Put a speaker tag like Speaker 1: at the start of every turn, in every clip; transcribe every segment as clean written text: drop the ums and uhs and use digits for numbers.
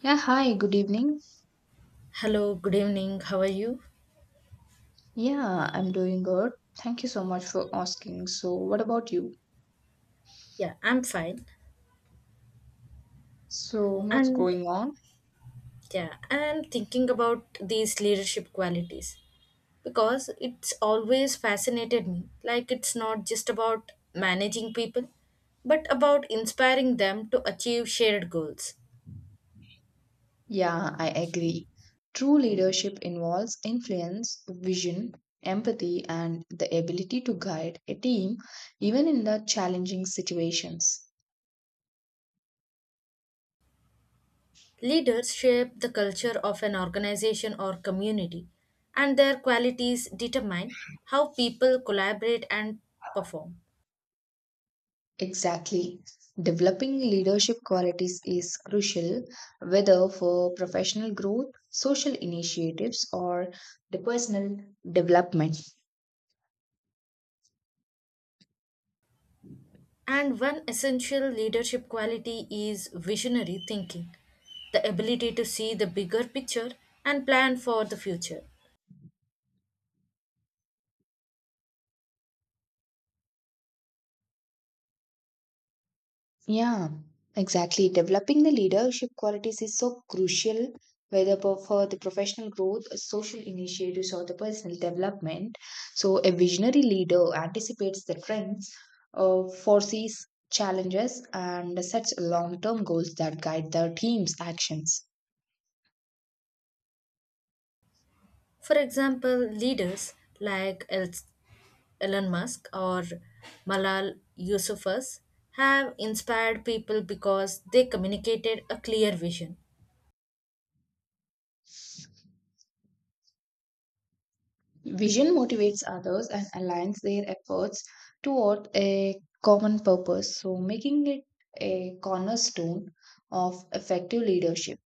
Speaker 1: Yeah, hi, good evening.
Speaker 2: Hello, good evening. How are you?
Speaker 1: Yeah, I'm doing good. Thank you so much for asking. So, what about you?
Speaker 2: Yeah, I'm fine.
Speaker 1: So, what's
Speaker 2: And
Speaker 1: going on?
Speaker 2: yeah, I'm thinking about these leadership qualities because it's always fascinated me. Like, it's not just about managing people, but about inspiring them to achieve shared goals.
Speaker 1: Yeah, I agree. True leadership involves influence, vision, empathy, and the ability to guide a team even in the challenging situations.
Speaker 2: Leaders shape the culture of an organization or community, and their qualities determine how people collaborate and perform.
Speaker 1: Exactly. Developing leadership qualities is crucial whether for professional growth, social initiatives, or the personal development.
Speaker 2: And one essential leadership quality is visionary thinking, the ability to see the bigger picture and plan for the future.
Speaker 1: Yeah, exactly. Developing the leadership qualities is so crucial, whether for the professional growth, social initiatives, or the personal development. So, a visionary leader anticipates the trends, foresees challenges, and sets long term goals that guide their team's actions.
Speaker 2: For example, leaders like Elon Musk or Malal Yousafzai have inspired people because they communicated a clear vision.
Speaker 1: Vision motivates others and aligns their efforts toward a common purpose, so making it a cornerstone of effective leadership.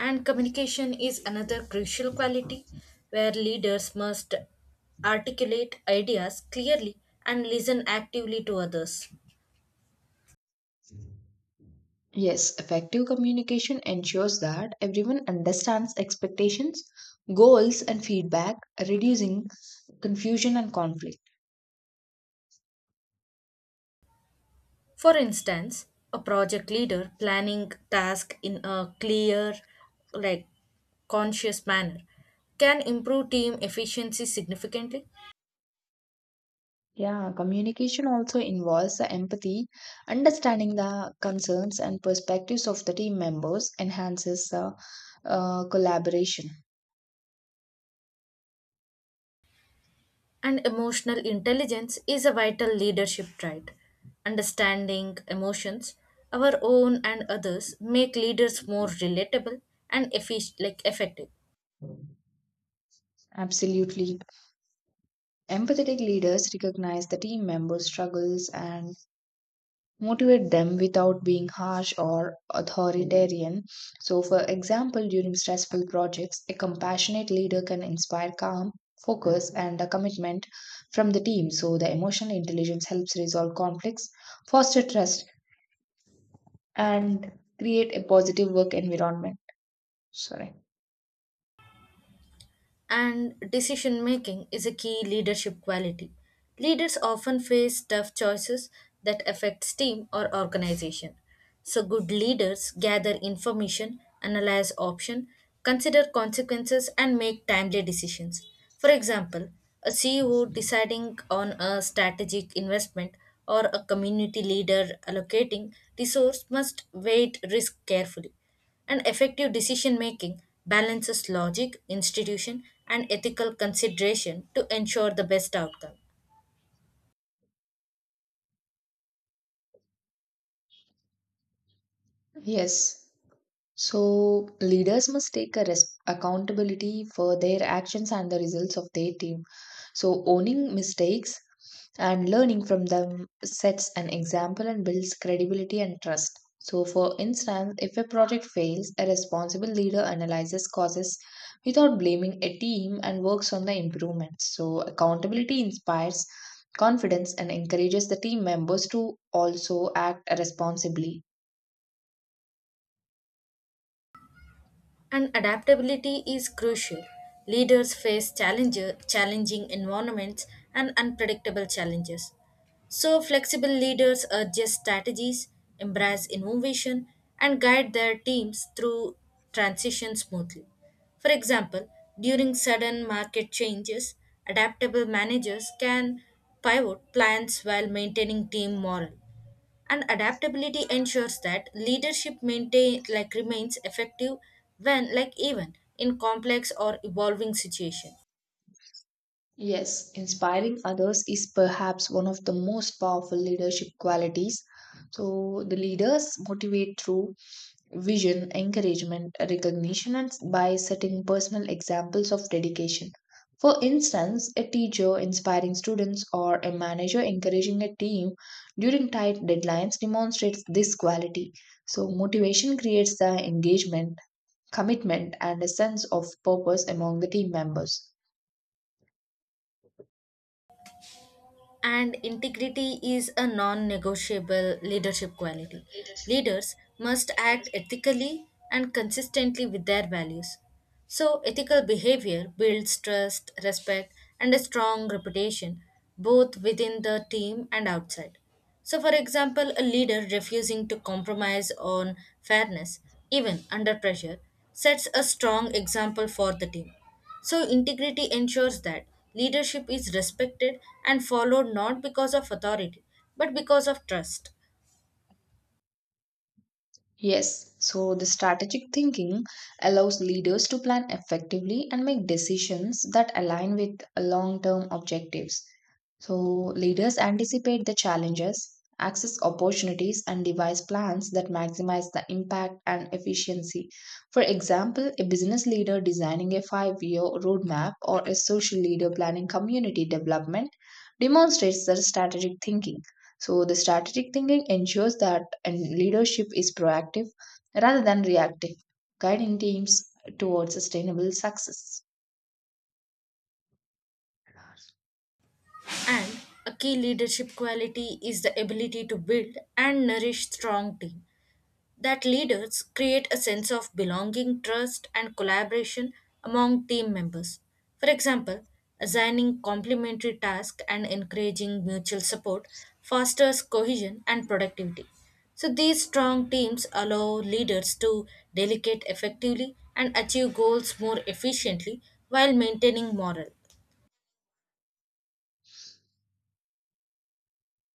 Speaker 2: And communication is another crucial quality where leaders must articulate ideas clearly and listen actively to others.
Speaker 1: Yes, effective communication ensures that everyone understands expectations, goals, and feedback, reducing confusion and conflict.
Speaker 2: For instance, a project leader planning task in a clear, like conscious manner can improve team efficiency significantly.
Speaker 1: Yeah, communication also involves the empathy, understanding the concerns and perspectives of the team members enhances the collaboration.
Speaker 2: And emotional intelligence is a vital leadership trait. Understanding emotions, our own and others, make leaders more relatable and like effective.
Speaker 1: Absolutely. Empathetic leaders recognize the team members' struggles and motivate them without being harsh or authoritarian. So, for example, during stressful projects, a compassionate leader can inspire calm, focus, and a commitment from the team. So, the emotional intelligence helps resolve conflicts, foster trust, and create a positive work environment. Sorry.
Speaker 2: And decision making is a key leadership quality. Leaders often face tough choices that affects team or organization. So good leaders gather information, analyze option, consider consequences and make timely decisions. For example, a CEO deciding on a strategic investment or a community leader allocating resource must weight risk carefully. And effective decision making balances logic, institution, and ethical consideration to ensure the best outcome.
Speaker 1: Yes. So leaders must take a accountability for their actions and the results of their team. So owning mistakes and learning from them sets an example and builds credibility and trust. So for instance, if a project fails, a responsible leader analyzes causes without blaming a team and works on the improvements. So accountability inspires confidence and encourages the team members to also act responsibly.
Speaker 2: And adaptability is crucial. Leaders face challenging environments and unpredictable challenges. So, flexible leaders adjust strategies, embrace innovation, and guide their teams through transition smoothly. For example, during sudden market changes, adaptable managers can pivot plans while maintaining team morale, and adaptability ensures that leadership maintain like remains effective when like even in complex or evolving situation.
Speaker 1: Yes, inspiring others is perhaps one of the most powerful leadership qualities. So, the leaders motivate through vision, encouragement, recognition, and by setting personal examples of dedication. For instance, a teacher inspiring students or a manager encouraging a team during tight deadlines demonstrates this quality. So, motivation creates the engagement, commitment, and a sense of purpose among the team members.
Speaker 2: And integrity is a non-negotiable leadership quality. Leaders must act ethically and consistently with their values, so ethical behavior builds trust, respect, and a strong reputation both within the team and outside. So, for example, a leader refusing to compromise on fairness, even under pressure, sets a strong example for the team. So, integrity ensures that leadership is respected and followed not because of authority, but because of trust.
Speaker 1: Yes, so the strategic thinking allows leaders to plan effectively and make decisions that align with long term objectives. So, leaders anticipate the challenges, access opportunities, and devise plans that maximize the impact and efficiency. For example, a business leader designing a 5-year roadmap or a social leader planning community development demonstrates their strategic thinking. So the strategic thinking ensures that and leadership is proactive rather than reactive, guiding teams towards sustainable success.
Speaker 2: And a key leadership quality is the ability to build and nourish strong team, that leaders create a sense of belonging, trust, and collaboration among team members. For example, assigning complementary tasks and encouraging mutual support fosters cohesion and productivity. So, these strong teams allow leaders to delegate effectively and achieve goals more efficiently while maintaining morale.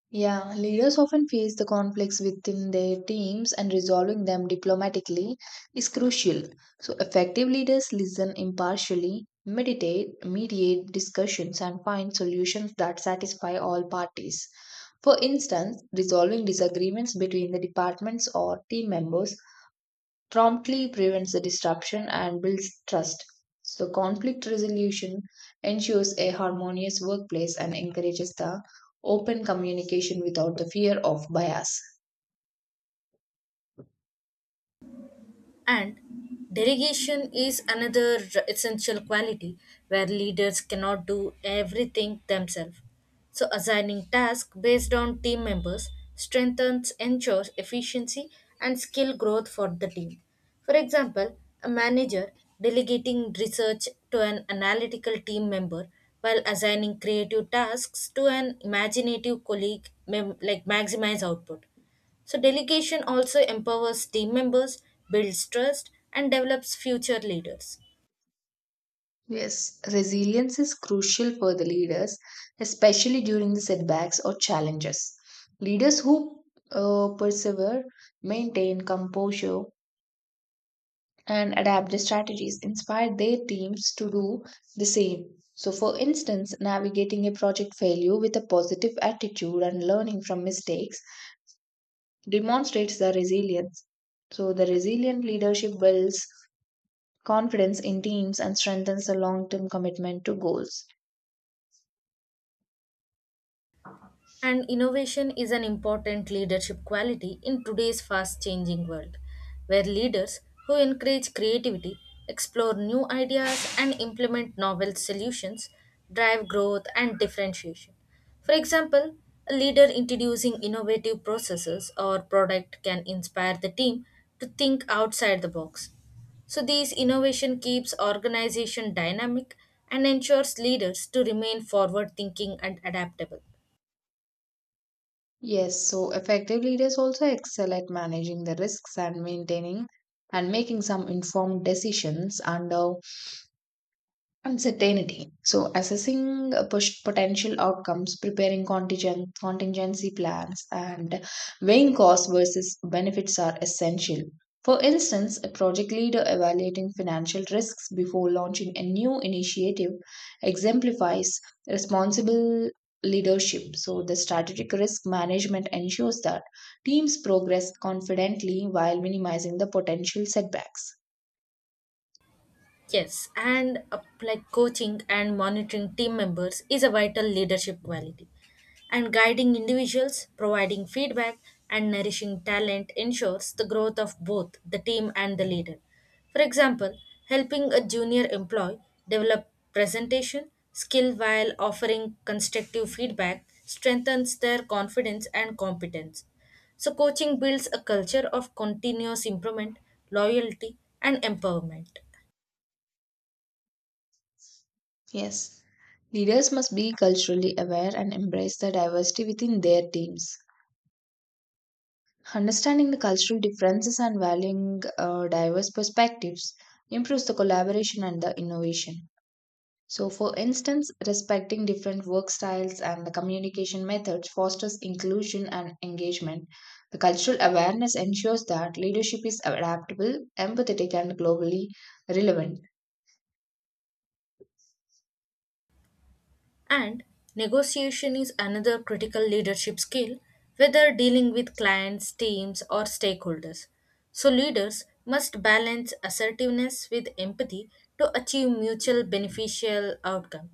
Speaker 1: Yeah, leaders often face the conflicts within their teams and resolving them diplomatically is crucial. So effective leaders listen impartially, mediate discussions and find solutions that satisfy all parties. For instance, resolving disagreements between the departments or team members promptly prevents the disruption and builds trust. So, conflict resolution ensures a harmonious workplace and encourages the open communication without the fear of bias.
Speaker 2: And delegation is another essential quality where leaders cannot do everything themselves. So assigning tasks based on team members strengthens ensures efficiency and skill growth for the team. For example, a manager delegating research to an analytical team member while assigning creative tasks to an imaginative colleague maximize output. So, delegation also empowers team members, builds trust, and develops future leaders.
Speaker 1: Yes, resilience is crucial for the leaders, especially during the setbacks or challenges. Leaders who persevere maintain composure and adapt the strategies inspired their teams to do the same. So, for instance, navigating a project failure with a positive attitude and learning from mistakes demonstrates the resilience. So, the resilient leadership builds confidence in teams and strengthens the long term commitment to goals.
Speaker 2: And innovation is an important leadership quality in today's fast changing world, where leaders who encourage creativity, explore new ideas, and implement novel solutions drive growth and differentiation. For example, a leader introducing innovative processes or product can inspire the team to think outside the box. So these innovation keeps organization dynamic and ensures leaders to remain forward thinking and adaptable.
Speaker 1: Yes, so effective leaders also excel at managing the risks and maintaining and making some informed decisions under Uncertainty. So, assessing push potential outcomes, preparing contingency plans, and weighing costs versus benefits are essential. For instance, a project leader evaluating financial risks before launching a new initiative exemplifies responsible leadership. So, the strategic risk management ensures that teams progress confidently while minimizing the potential setbacks.
Speaker 2: Yes, and like coaching and monitoring team members is a vital leadership quality. And guiding individuals, providing feedback, and nourishing talent ensures the growth of both the team and the leader. For example, helping a junior employee develop presentation skill while offering constructive feedback strengthens their confidence and competence. So, coaching builds a culture of continuous improvement, loyalty, and empowerment.
Speaker 1: Yes. Leaders must be culturally aware and embrace the diversity within their teams. Understanding the cultural differences and valuing diverse perspectives improves the collaboration and the innovation. So, for instance, respecting different work styles and the communication methods fosters inclusion and engagement. The cultural awareness ensures that leadership is adaptable, empathetic, and globally relevant.
Speaker 2: And negotiation is another critical leadership skill, whether dealing with clients, teams, or stakeholders. So, leaders must balance assertiveness with empathy to achieve mutual beneficial outcome.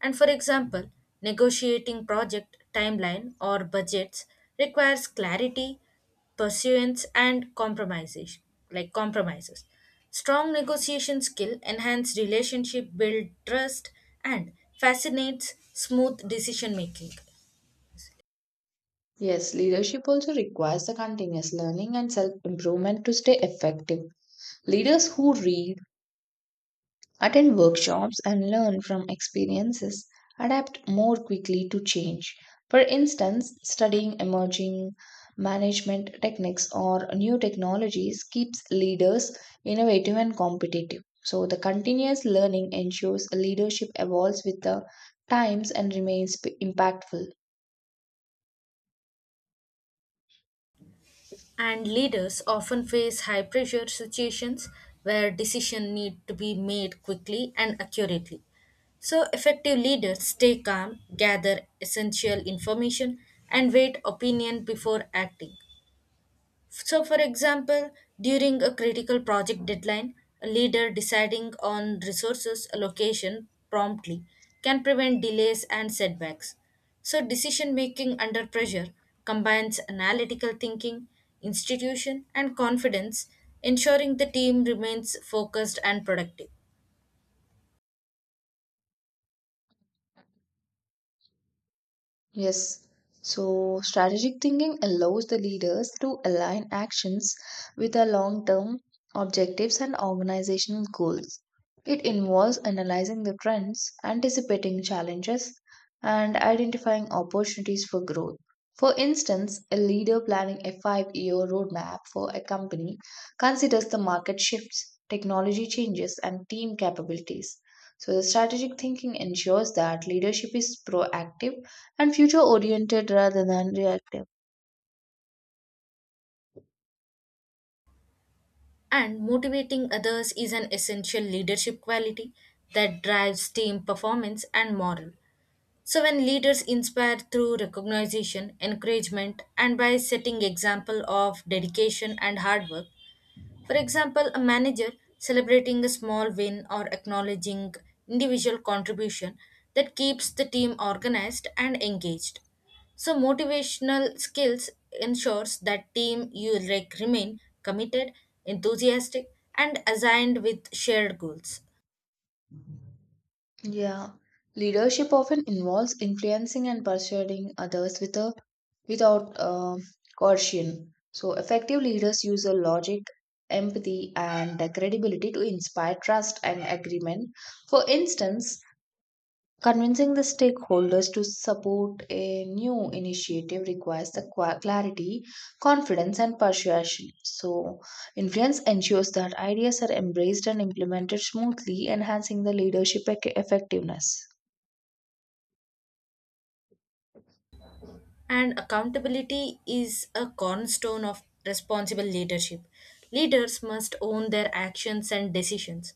Speaker 2: And for example, negotiating project timeline or budgets requires clarity, Pursuance and compromises. Strong negotiation skill enhance relationship, build trust and facilitates smooth decision making.
Speaker 1: Yes, leadership also requires the continuous learning and self improvement to stay effective. Leaders who read, attend workshops, and learn from experiences adapt more quickly to change. For instance, studying emerging management techniques or new technologies keeps leaders innovative and competitive. So, the continuous learning ensures leadership evolves with the times and remains impactful.
Speaker 2: And leaders often face high pressure situations where decisions need to be made quickly and accurately, so effective leaders stay calm, gather essential information and wait opinion before acting. So, for example, during a critical project deadline, a leader deciding on resources allocation promptly can prevent delays and setbacks. So, decision making under pressure combines analytical thinking, institution, and confidence, ensuring the team remains focused and productive.
Speaker 1: Yes. So, strategic thinking allows the leaders to align actions with their long term objectives and organizational goals. It involves analyzing the trends, anticipating challenges, and identifying opportunities for growth. For instance, a leader planning a 5-year roadmap for a company considers the market shifts, technology changes, and team capabilities. So, the strategic thinking ensures that leadership is proactive and future oriented rather than reactive.
Speaker 2: And motivating others is an essential leadership quality that drives team performance and morale. So when leaders inspire through recognition, encouragement, and by setting example of dedication and hard work, for example, a manager celebrating a small win or acknowledging individual contribution that keeps the team organized and engaged. So motivational skills ensures that team you like remain committed, enthusiastic and aligned with shared goals.
Speaker 1: Yeah, leadership often involves influencing and persuading others without coercion. So, effective leaders use a logic, empathy, and credibility to inspire trust and agreement. For instance, convincing the stakeholders to support a new initiative requires the clarity, confidence, and persuasion. So, influence ensures that ideas are embraced and implemented smoothly, enhancing the leadership effectiveness.
Speaker 2: And accountability is a cornerstone of responsible leadership. Leaders must own their actions and decisions.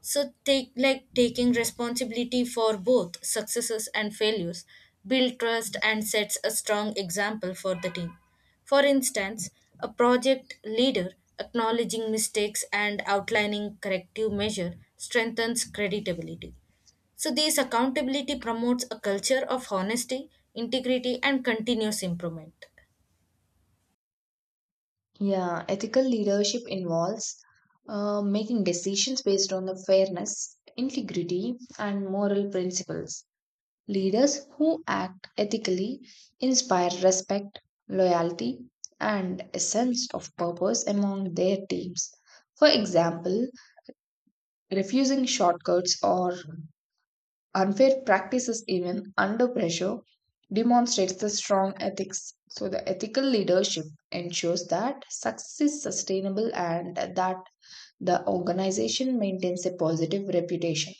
Speaker 2: So take like taking responsibility for both successes and failures, build trust and sets a strong example for the team. For instance, a project leader acknowledging mistakes and outlining corrective measure strengthens credibility. So, this accountability promotes a culture of honesty, integrity, and continuous improvement.
Speaker 1: Yeah, ethical leadership involves making decisions based on the fairness, integrity, and moral principles. Leaders who act ethically inspire respect, loyalty, and a sense of purpose among their teams. For example, refusing shortcuts or unfair practices, even under pressure, demonstrates the strong ethics. So, the ethical leadership ensures that success is sustainable and that the organization maintains a positive reputation.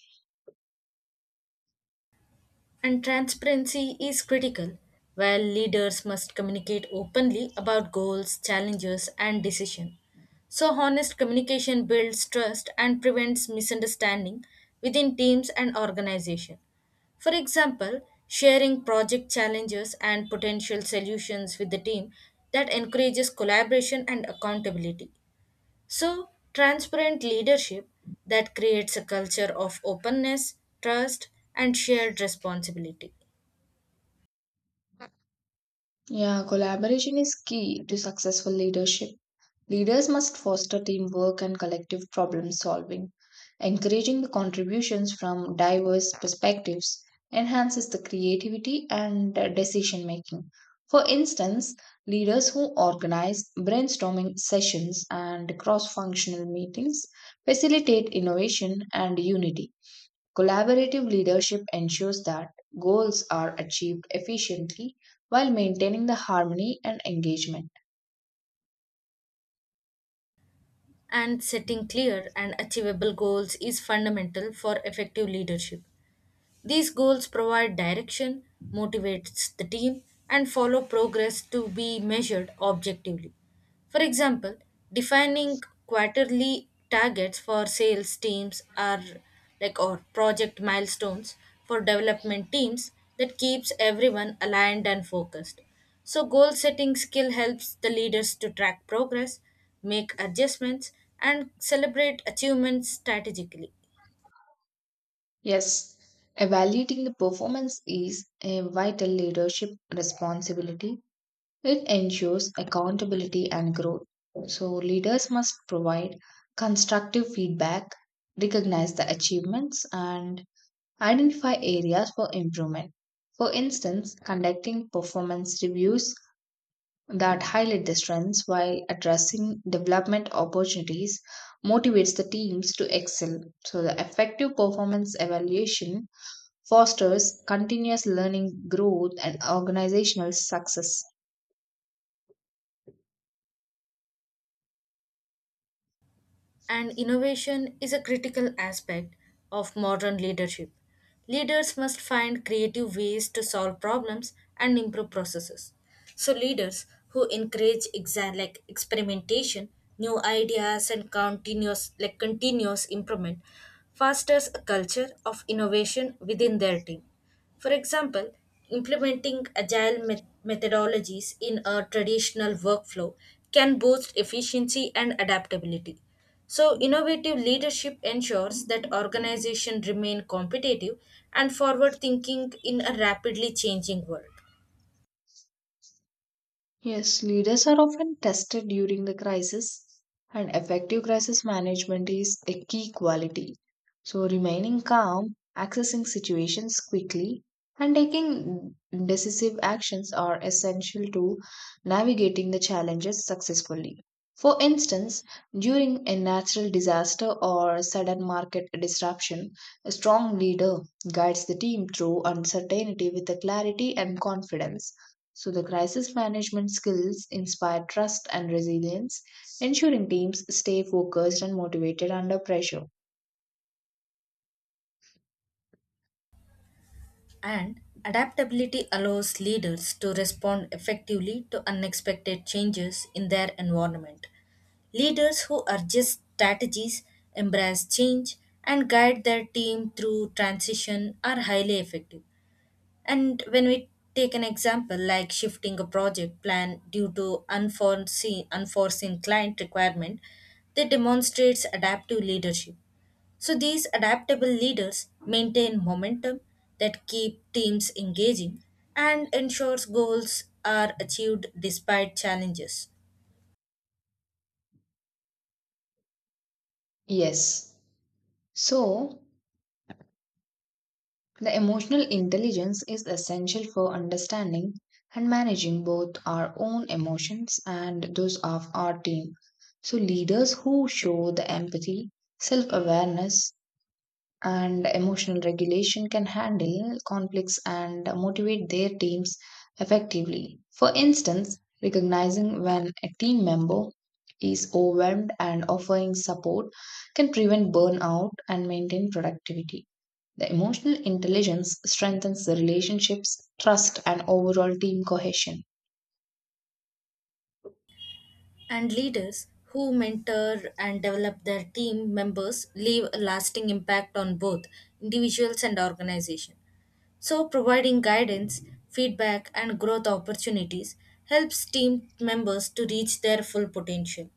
Speaker 2: And transparency is critical, where leaders must communicate openly about goals, challenges, and decisions. So, honest communication builds trust and prevents misunderstanding within teams and organization. For example, sharing project challenges and potential solutions with the team that encourages collaboration and accountability. So, transparent leadership that creates a culture of openness, trust, and shared responsibility.
Speaker 1: Yeah, collaboration is key to successful leadership. Leaders must foster teamwork and collective problem solving. Encouraging the contributions from diverse perspectives enhances the creativity and decision making. For instance, leaders who organize brainstorming sessions and cross functional meetings facilitate innovation and unity. Collaborative leadership ensures that goals are achieved efficiently while maintaining the harmony and engagement.
Speaker 2: And setting clear and achievable goals is fundamental for effective leadership. These goals provide direction, motivates the team, and follow progress to be measured objectively. For example, defining quarterly targets for sales teams are or project milestones for development teams that keeps everyone aligned and focused. So goal setting skill helps the leaders to track progress, make adjustments and celebrate achievements strategically.
Speaker 1: Yes, evaluating the performance is a vital leadership responsibility. It ensures accountability and growth. So, leaders must provide constructive feedback, recognize the achievements, and identify areas for improvement. For instance, conducting performance reviews that highlight the strengths while addressing development opportunities motivates the teams to excel. So, the effective performance evaluation fosters continuous learning growth and organizational success.
Speaker 2: And innovation is a critical aspect of modern leadership. Leaders must find creative ways to solve problems and improve processes. So, leaders who encourage experimentation, new ideas, and continuous improvement fosters a culture of innovation within their team. For example, implementing agile methodologies in a traditional workflow can boost efficiency and adaptability. So, innovative leadership ensures that organizations remain competitive and forward thinking in a rapidly changing world.
Speaker 1: Yes, leaders are often tested during the crisis, and effective crisis management is a key quality. So, remaining calm, accessing situations quickly, and taking decisive actions are essential to navigating the challenges successfully. For instance, during a natural disaster or sudden market disruption, a strong leader guides the team through uncertainty with the clarity and confidence. So the crisis management skills inspire trust and resilience, ensuring teams stay focused and motivated under pressure.
Speaker 2: And adaptability allows leaders to respond effectively to unexpected changes in their environment. Leaders who adjust strategies, embrace change, and guide their team through transition are highly effective. And when we take an example like shifting a project plan due to unforeseen client requirement, that demonstrates adaptive leadership. So these adaptable leaders maintain momentum that keep teams engaging and ensures goals are achieved despite challenges.
Speaker 1: Yes. So, the emotional intelligence is essential for understanding and managing both our own emotions and those of our team. So, leaders who show the empathy, self awareness, and emotional regulation can handle conflicts and motivate their teams effectively. For instance, recognizing when a team member is overwhelmed and offering support can prevent burnout and maintain productivity. The emotional intelligence strengthens the relationships, trust, and overall team cohesion.
Speaker 2: And leaders who mentor and develop their team members leave a lasting impact on both individuals and organization. So, providing guidance, feedback, and growth opportunities helps team members to reach their full potential.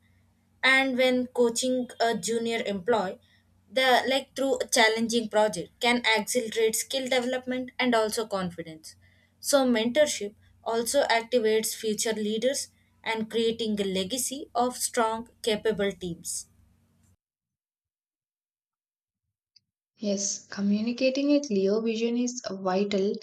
Speaker 2: And when coaching a junior employee, the like through a challenging project can accelerate skill development and also confidence. So, mentorship also activates future leaders and creating a legacy of strong, capable teams.
Speaker 1: Yes, communicating a clear vision is vital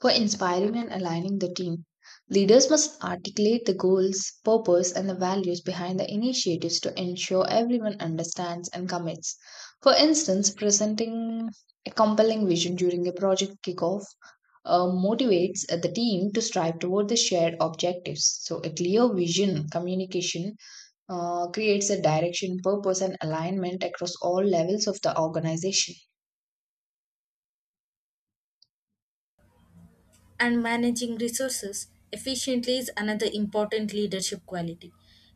Speaker 1: for inspiring and aligning the team. Leaders must articulate the goals, purpose, and the values behind the initiatives to ensure everyone understands and commits. For instance, presenting a compelling vision during a project kickoff motivates the team to strive toward the shared objectives. So, a clear vision communication creates a direction, purpose, and alignment across all levels of the organization.
Speaker 2: And managing resources efficiently is another important leadership quality.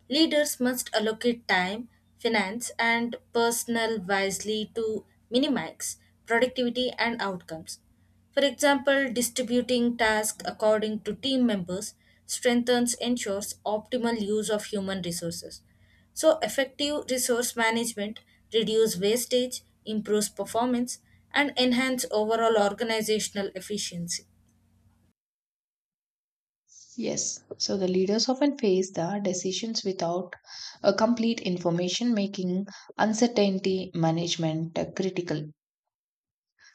Speaker 2: Leaders must allocate time, finance, and personnel wisely to minimize productivity and outcomes. For example, distributing tasks according to team members strengthens ensures optimal use of human resources. So, effective resource management reduce wastage, improves performance, and enhance overall organizational efficiency.
Speaker 1: Yes, so the leaders often face the decisions without a complete information making uncertainty management critical.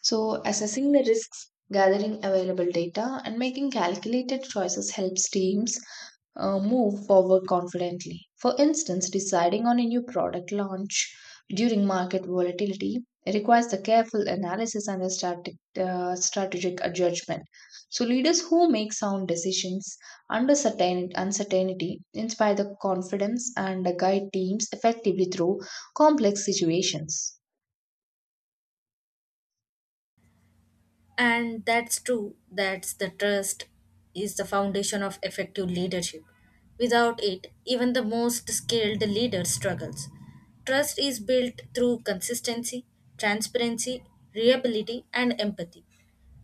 Speaker 1: So assessing the risks, gathering available data and making calculated choices helps teams move forward confidently. For instance, deciding on a new product launch during market volatility requires the careful analysis and a strategic judgment. So, leaders who make sound decisions under certain uncertainty inspire the confidence and guide teams effectively through complex situations.
Speaker 2: And that's true. That's the trust is the foundation of effective leadership. Without it, even the most skilled leader struggles. Trust is built through consistency, transparency, reliability, and empathy.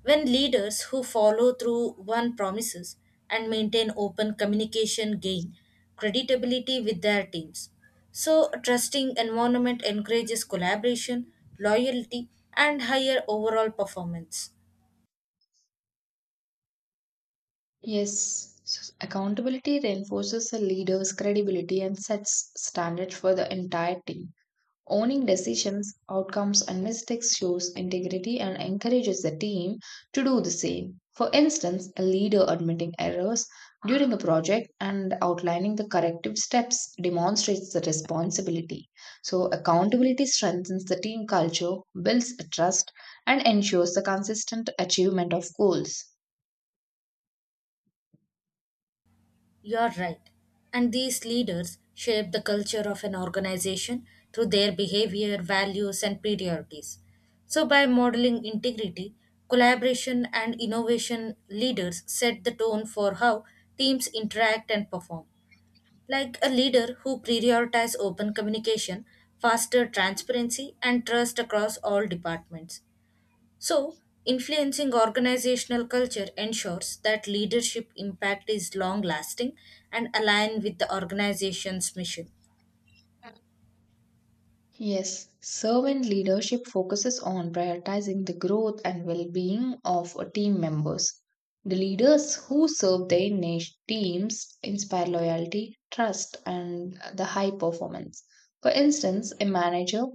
Speaker 2: When leaders who follow through on promises and maintain open communication gain credibility with their teams. So, a trusting environment encourages collaboration, loyalty, and higher overall performance.
Speaker 1: Yes, so accountability reinforces a leader's credibility and sets standards for the entire team. Owning decisions, outcomes, and mistakes shows integrity and encourages the team to do the same. For instance, a leader admitting errors during a project and outlining the corrective steps demonstrates the responsibility. So, accountability strengthens the team culture, builds trust, and ensures the consistent achievement of goals.
Speaker 2: You're right. And these leaders shape the culture of an organization through their behavior, values, and priorities. So, by modeling integrity, collaboration, and innovation, leaders set the tone for how teams interact and perform. Like a leader who prioritizes open communication, faster transparency, and trust across all departments. So, influencing organizational culture ensures that leadership impact is long lasting and aligned with the organization's mission.
Speaker 1: Yes, servant leadership focuses on prioritizing the growth and well being of team members. The leaders who serve their teams inspire loyalty, trust, and the high performance. For instance, a manager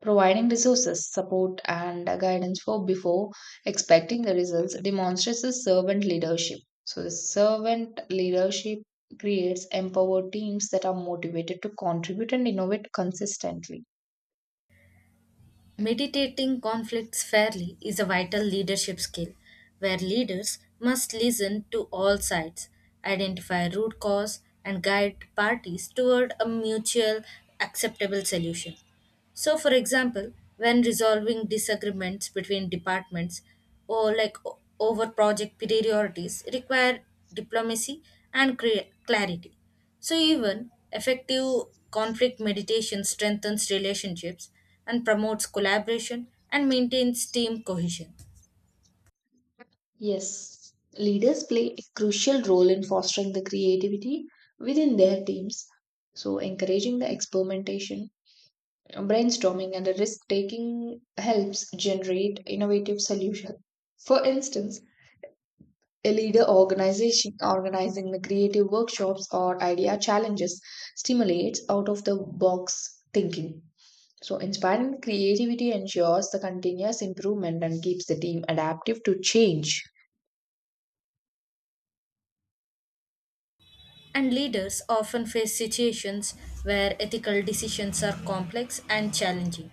Speaker 1: providing resources, support, and guidance for before expecting the results demonstrates the servant leadership. So, the servant leadership creates empowered teams that are motivated to contribute and innovate consistently.
Speaker 2: Meditating conflicts fairly is a vital leadership skill where leaders must listen to all sides, identify root cause, and guide parties toward a mutual acceptable solution. So, for example, when resolving disagreements between departments or over project priorities require diplomacy and clarity. So, even effective conflict meditation strengthens relationships and promotes collaboration and maintains team cohesion.
Speaker 1: Yes, leaders play a crucial role in fostering the creativity within their teams. So, encouraging the experimentation, brainstorming, and the risk taking helps generate innovative solutions. For instance, a leader organization organizing the creative workshops or idea challenges stimulates out of the box thinking. So, inspiring creativity ensures the continuous improvement and keeps the team adaptive to change.
Speaker 2: And leaders often face situations where ethical decisions are complex and challenging.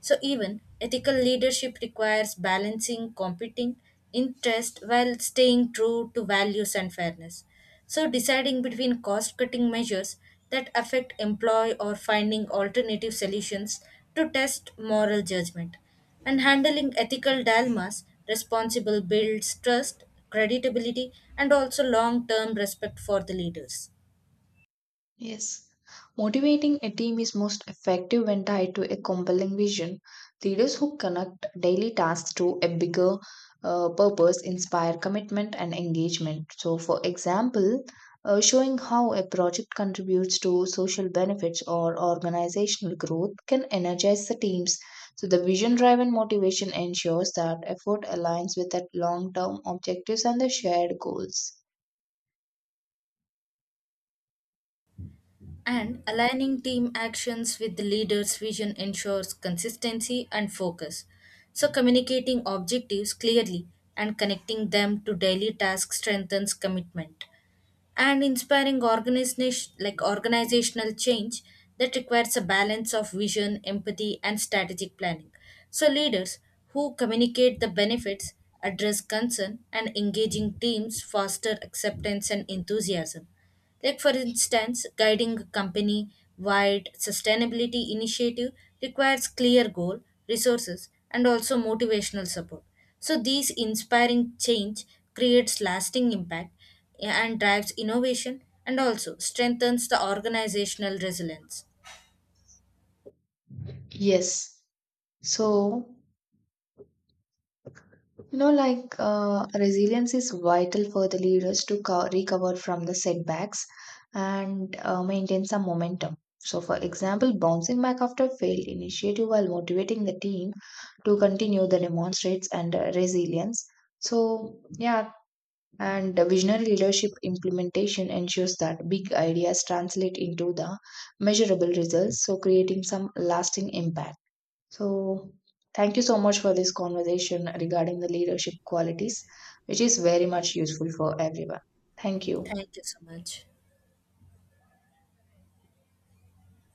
Speaker 2: So, even ethical leadership requires balancing competing interests while staying true to values and fairness. So, deciding between cost cutting measures that affect employee or finding alternative solutions to test moral judgment and handling ethical dilemmas responsible builds trust, creditability and also long-term respect for the leaders.
Speaker 1: Yes. Motivating a team is most effective when tied to a compelling vision. Leaders who connect daily tasks to a bigger purpose inspire commitment and engagement. So, for example, showing how a project contributes to social benefits or organizational growth can energize the teams. So, the vision driven motivation ensures that effort aligns with that long term objectives and the shared goals.
Speaker 2: And aligning team actions with the leader's vision ensures consistency and focus, so communicating objectives clearly and connecting them to daily tasks strengthens commitment, and inspiring organizational change that requires a balance of vision, empathy, and strategic planning. So leaders who communicate the benefits, address concern, and engaging teams foster acceptance and enthusiasm. Like, for instance, guiding a company wide sustainability initiative requires clear goal, resources, and also motivational support. So, these inspiring change creates lasting impact and drives innovation and also strengthens the organizational resilience.
Speaker 1: Yes. So, resilience is vital for the leaders to recover from the setbacks and maintain some momentum. So, for example, bouncing back after failed initiative while motivating the team to continue the demonstrates and resilience. So, yeah, and visionary leadership implementation ensures that big ideas translate into the measurable results, so creating some lasting impact. So, thank you so much for this conversation regarding the leadership qualities, which is very much useful for everyone. Thank you.
Speaker 2: Thank you so much.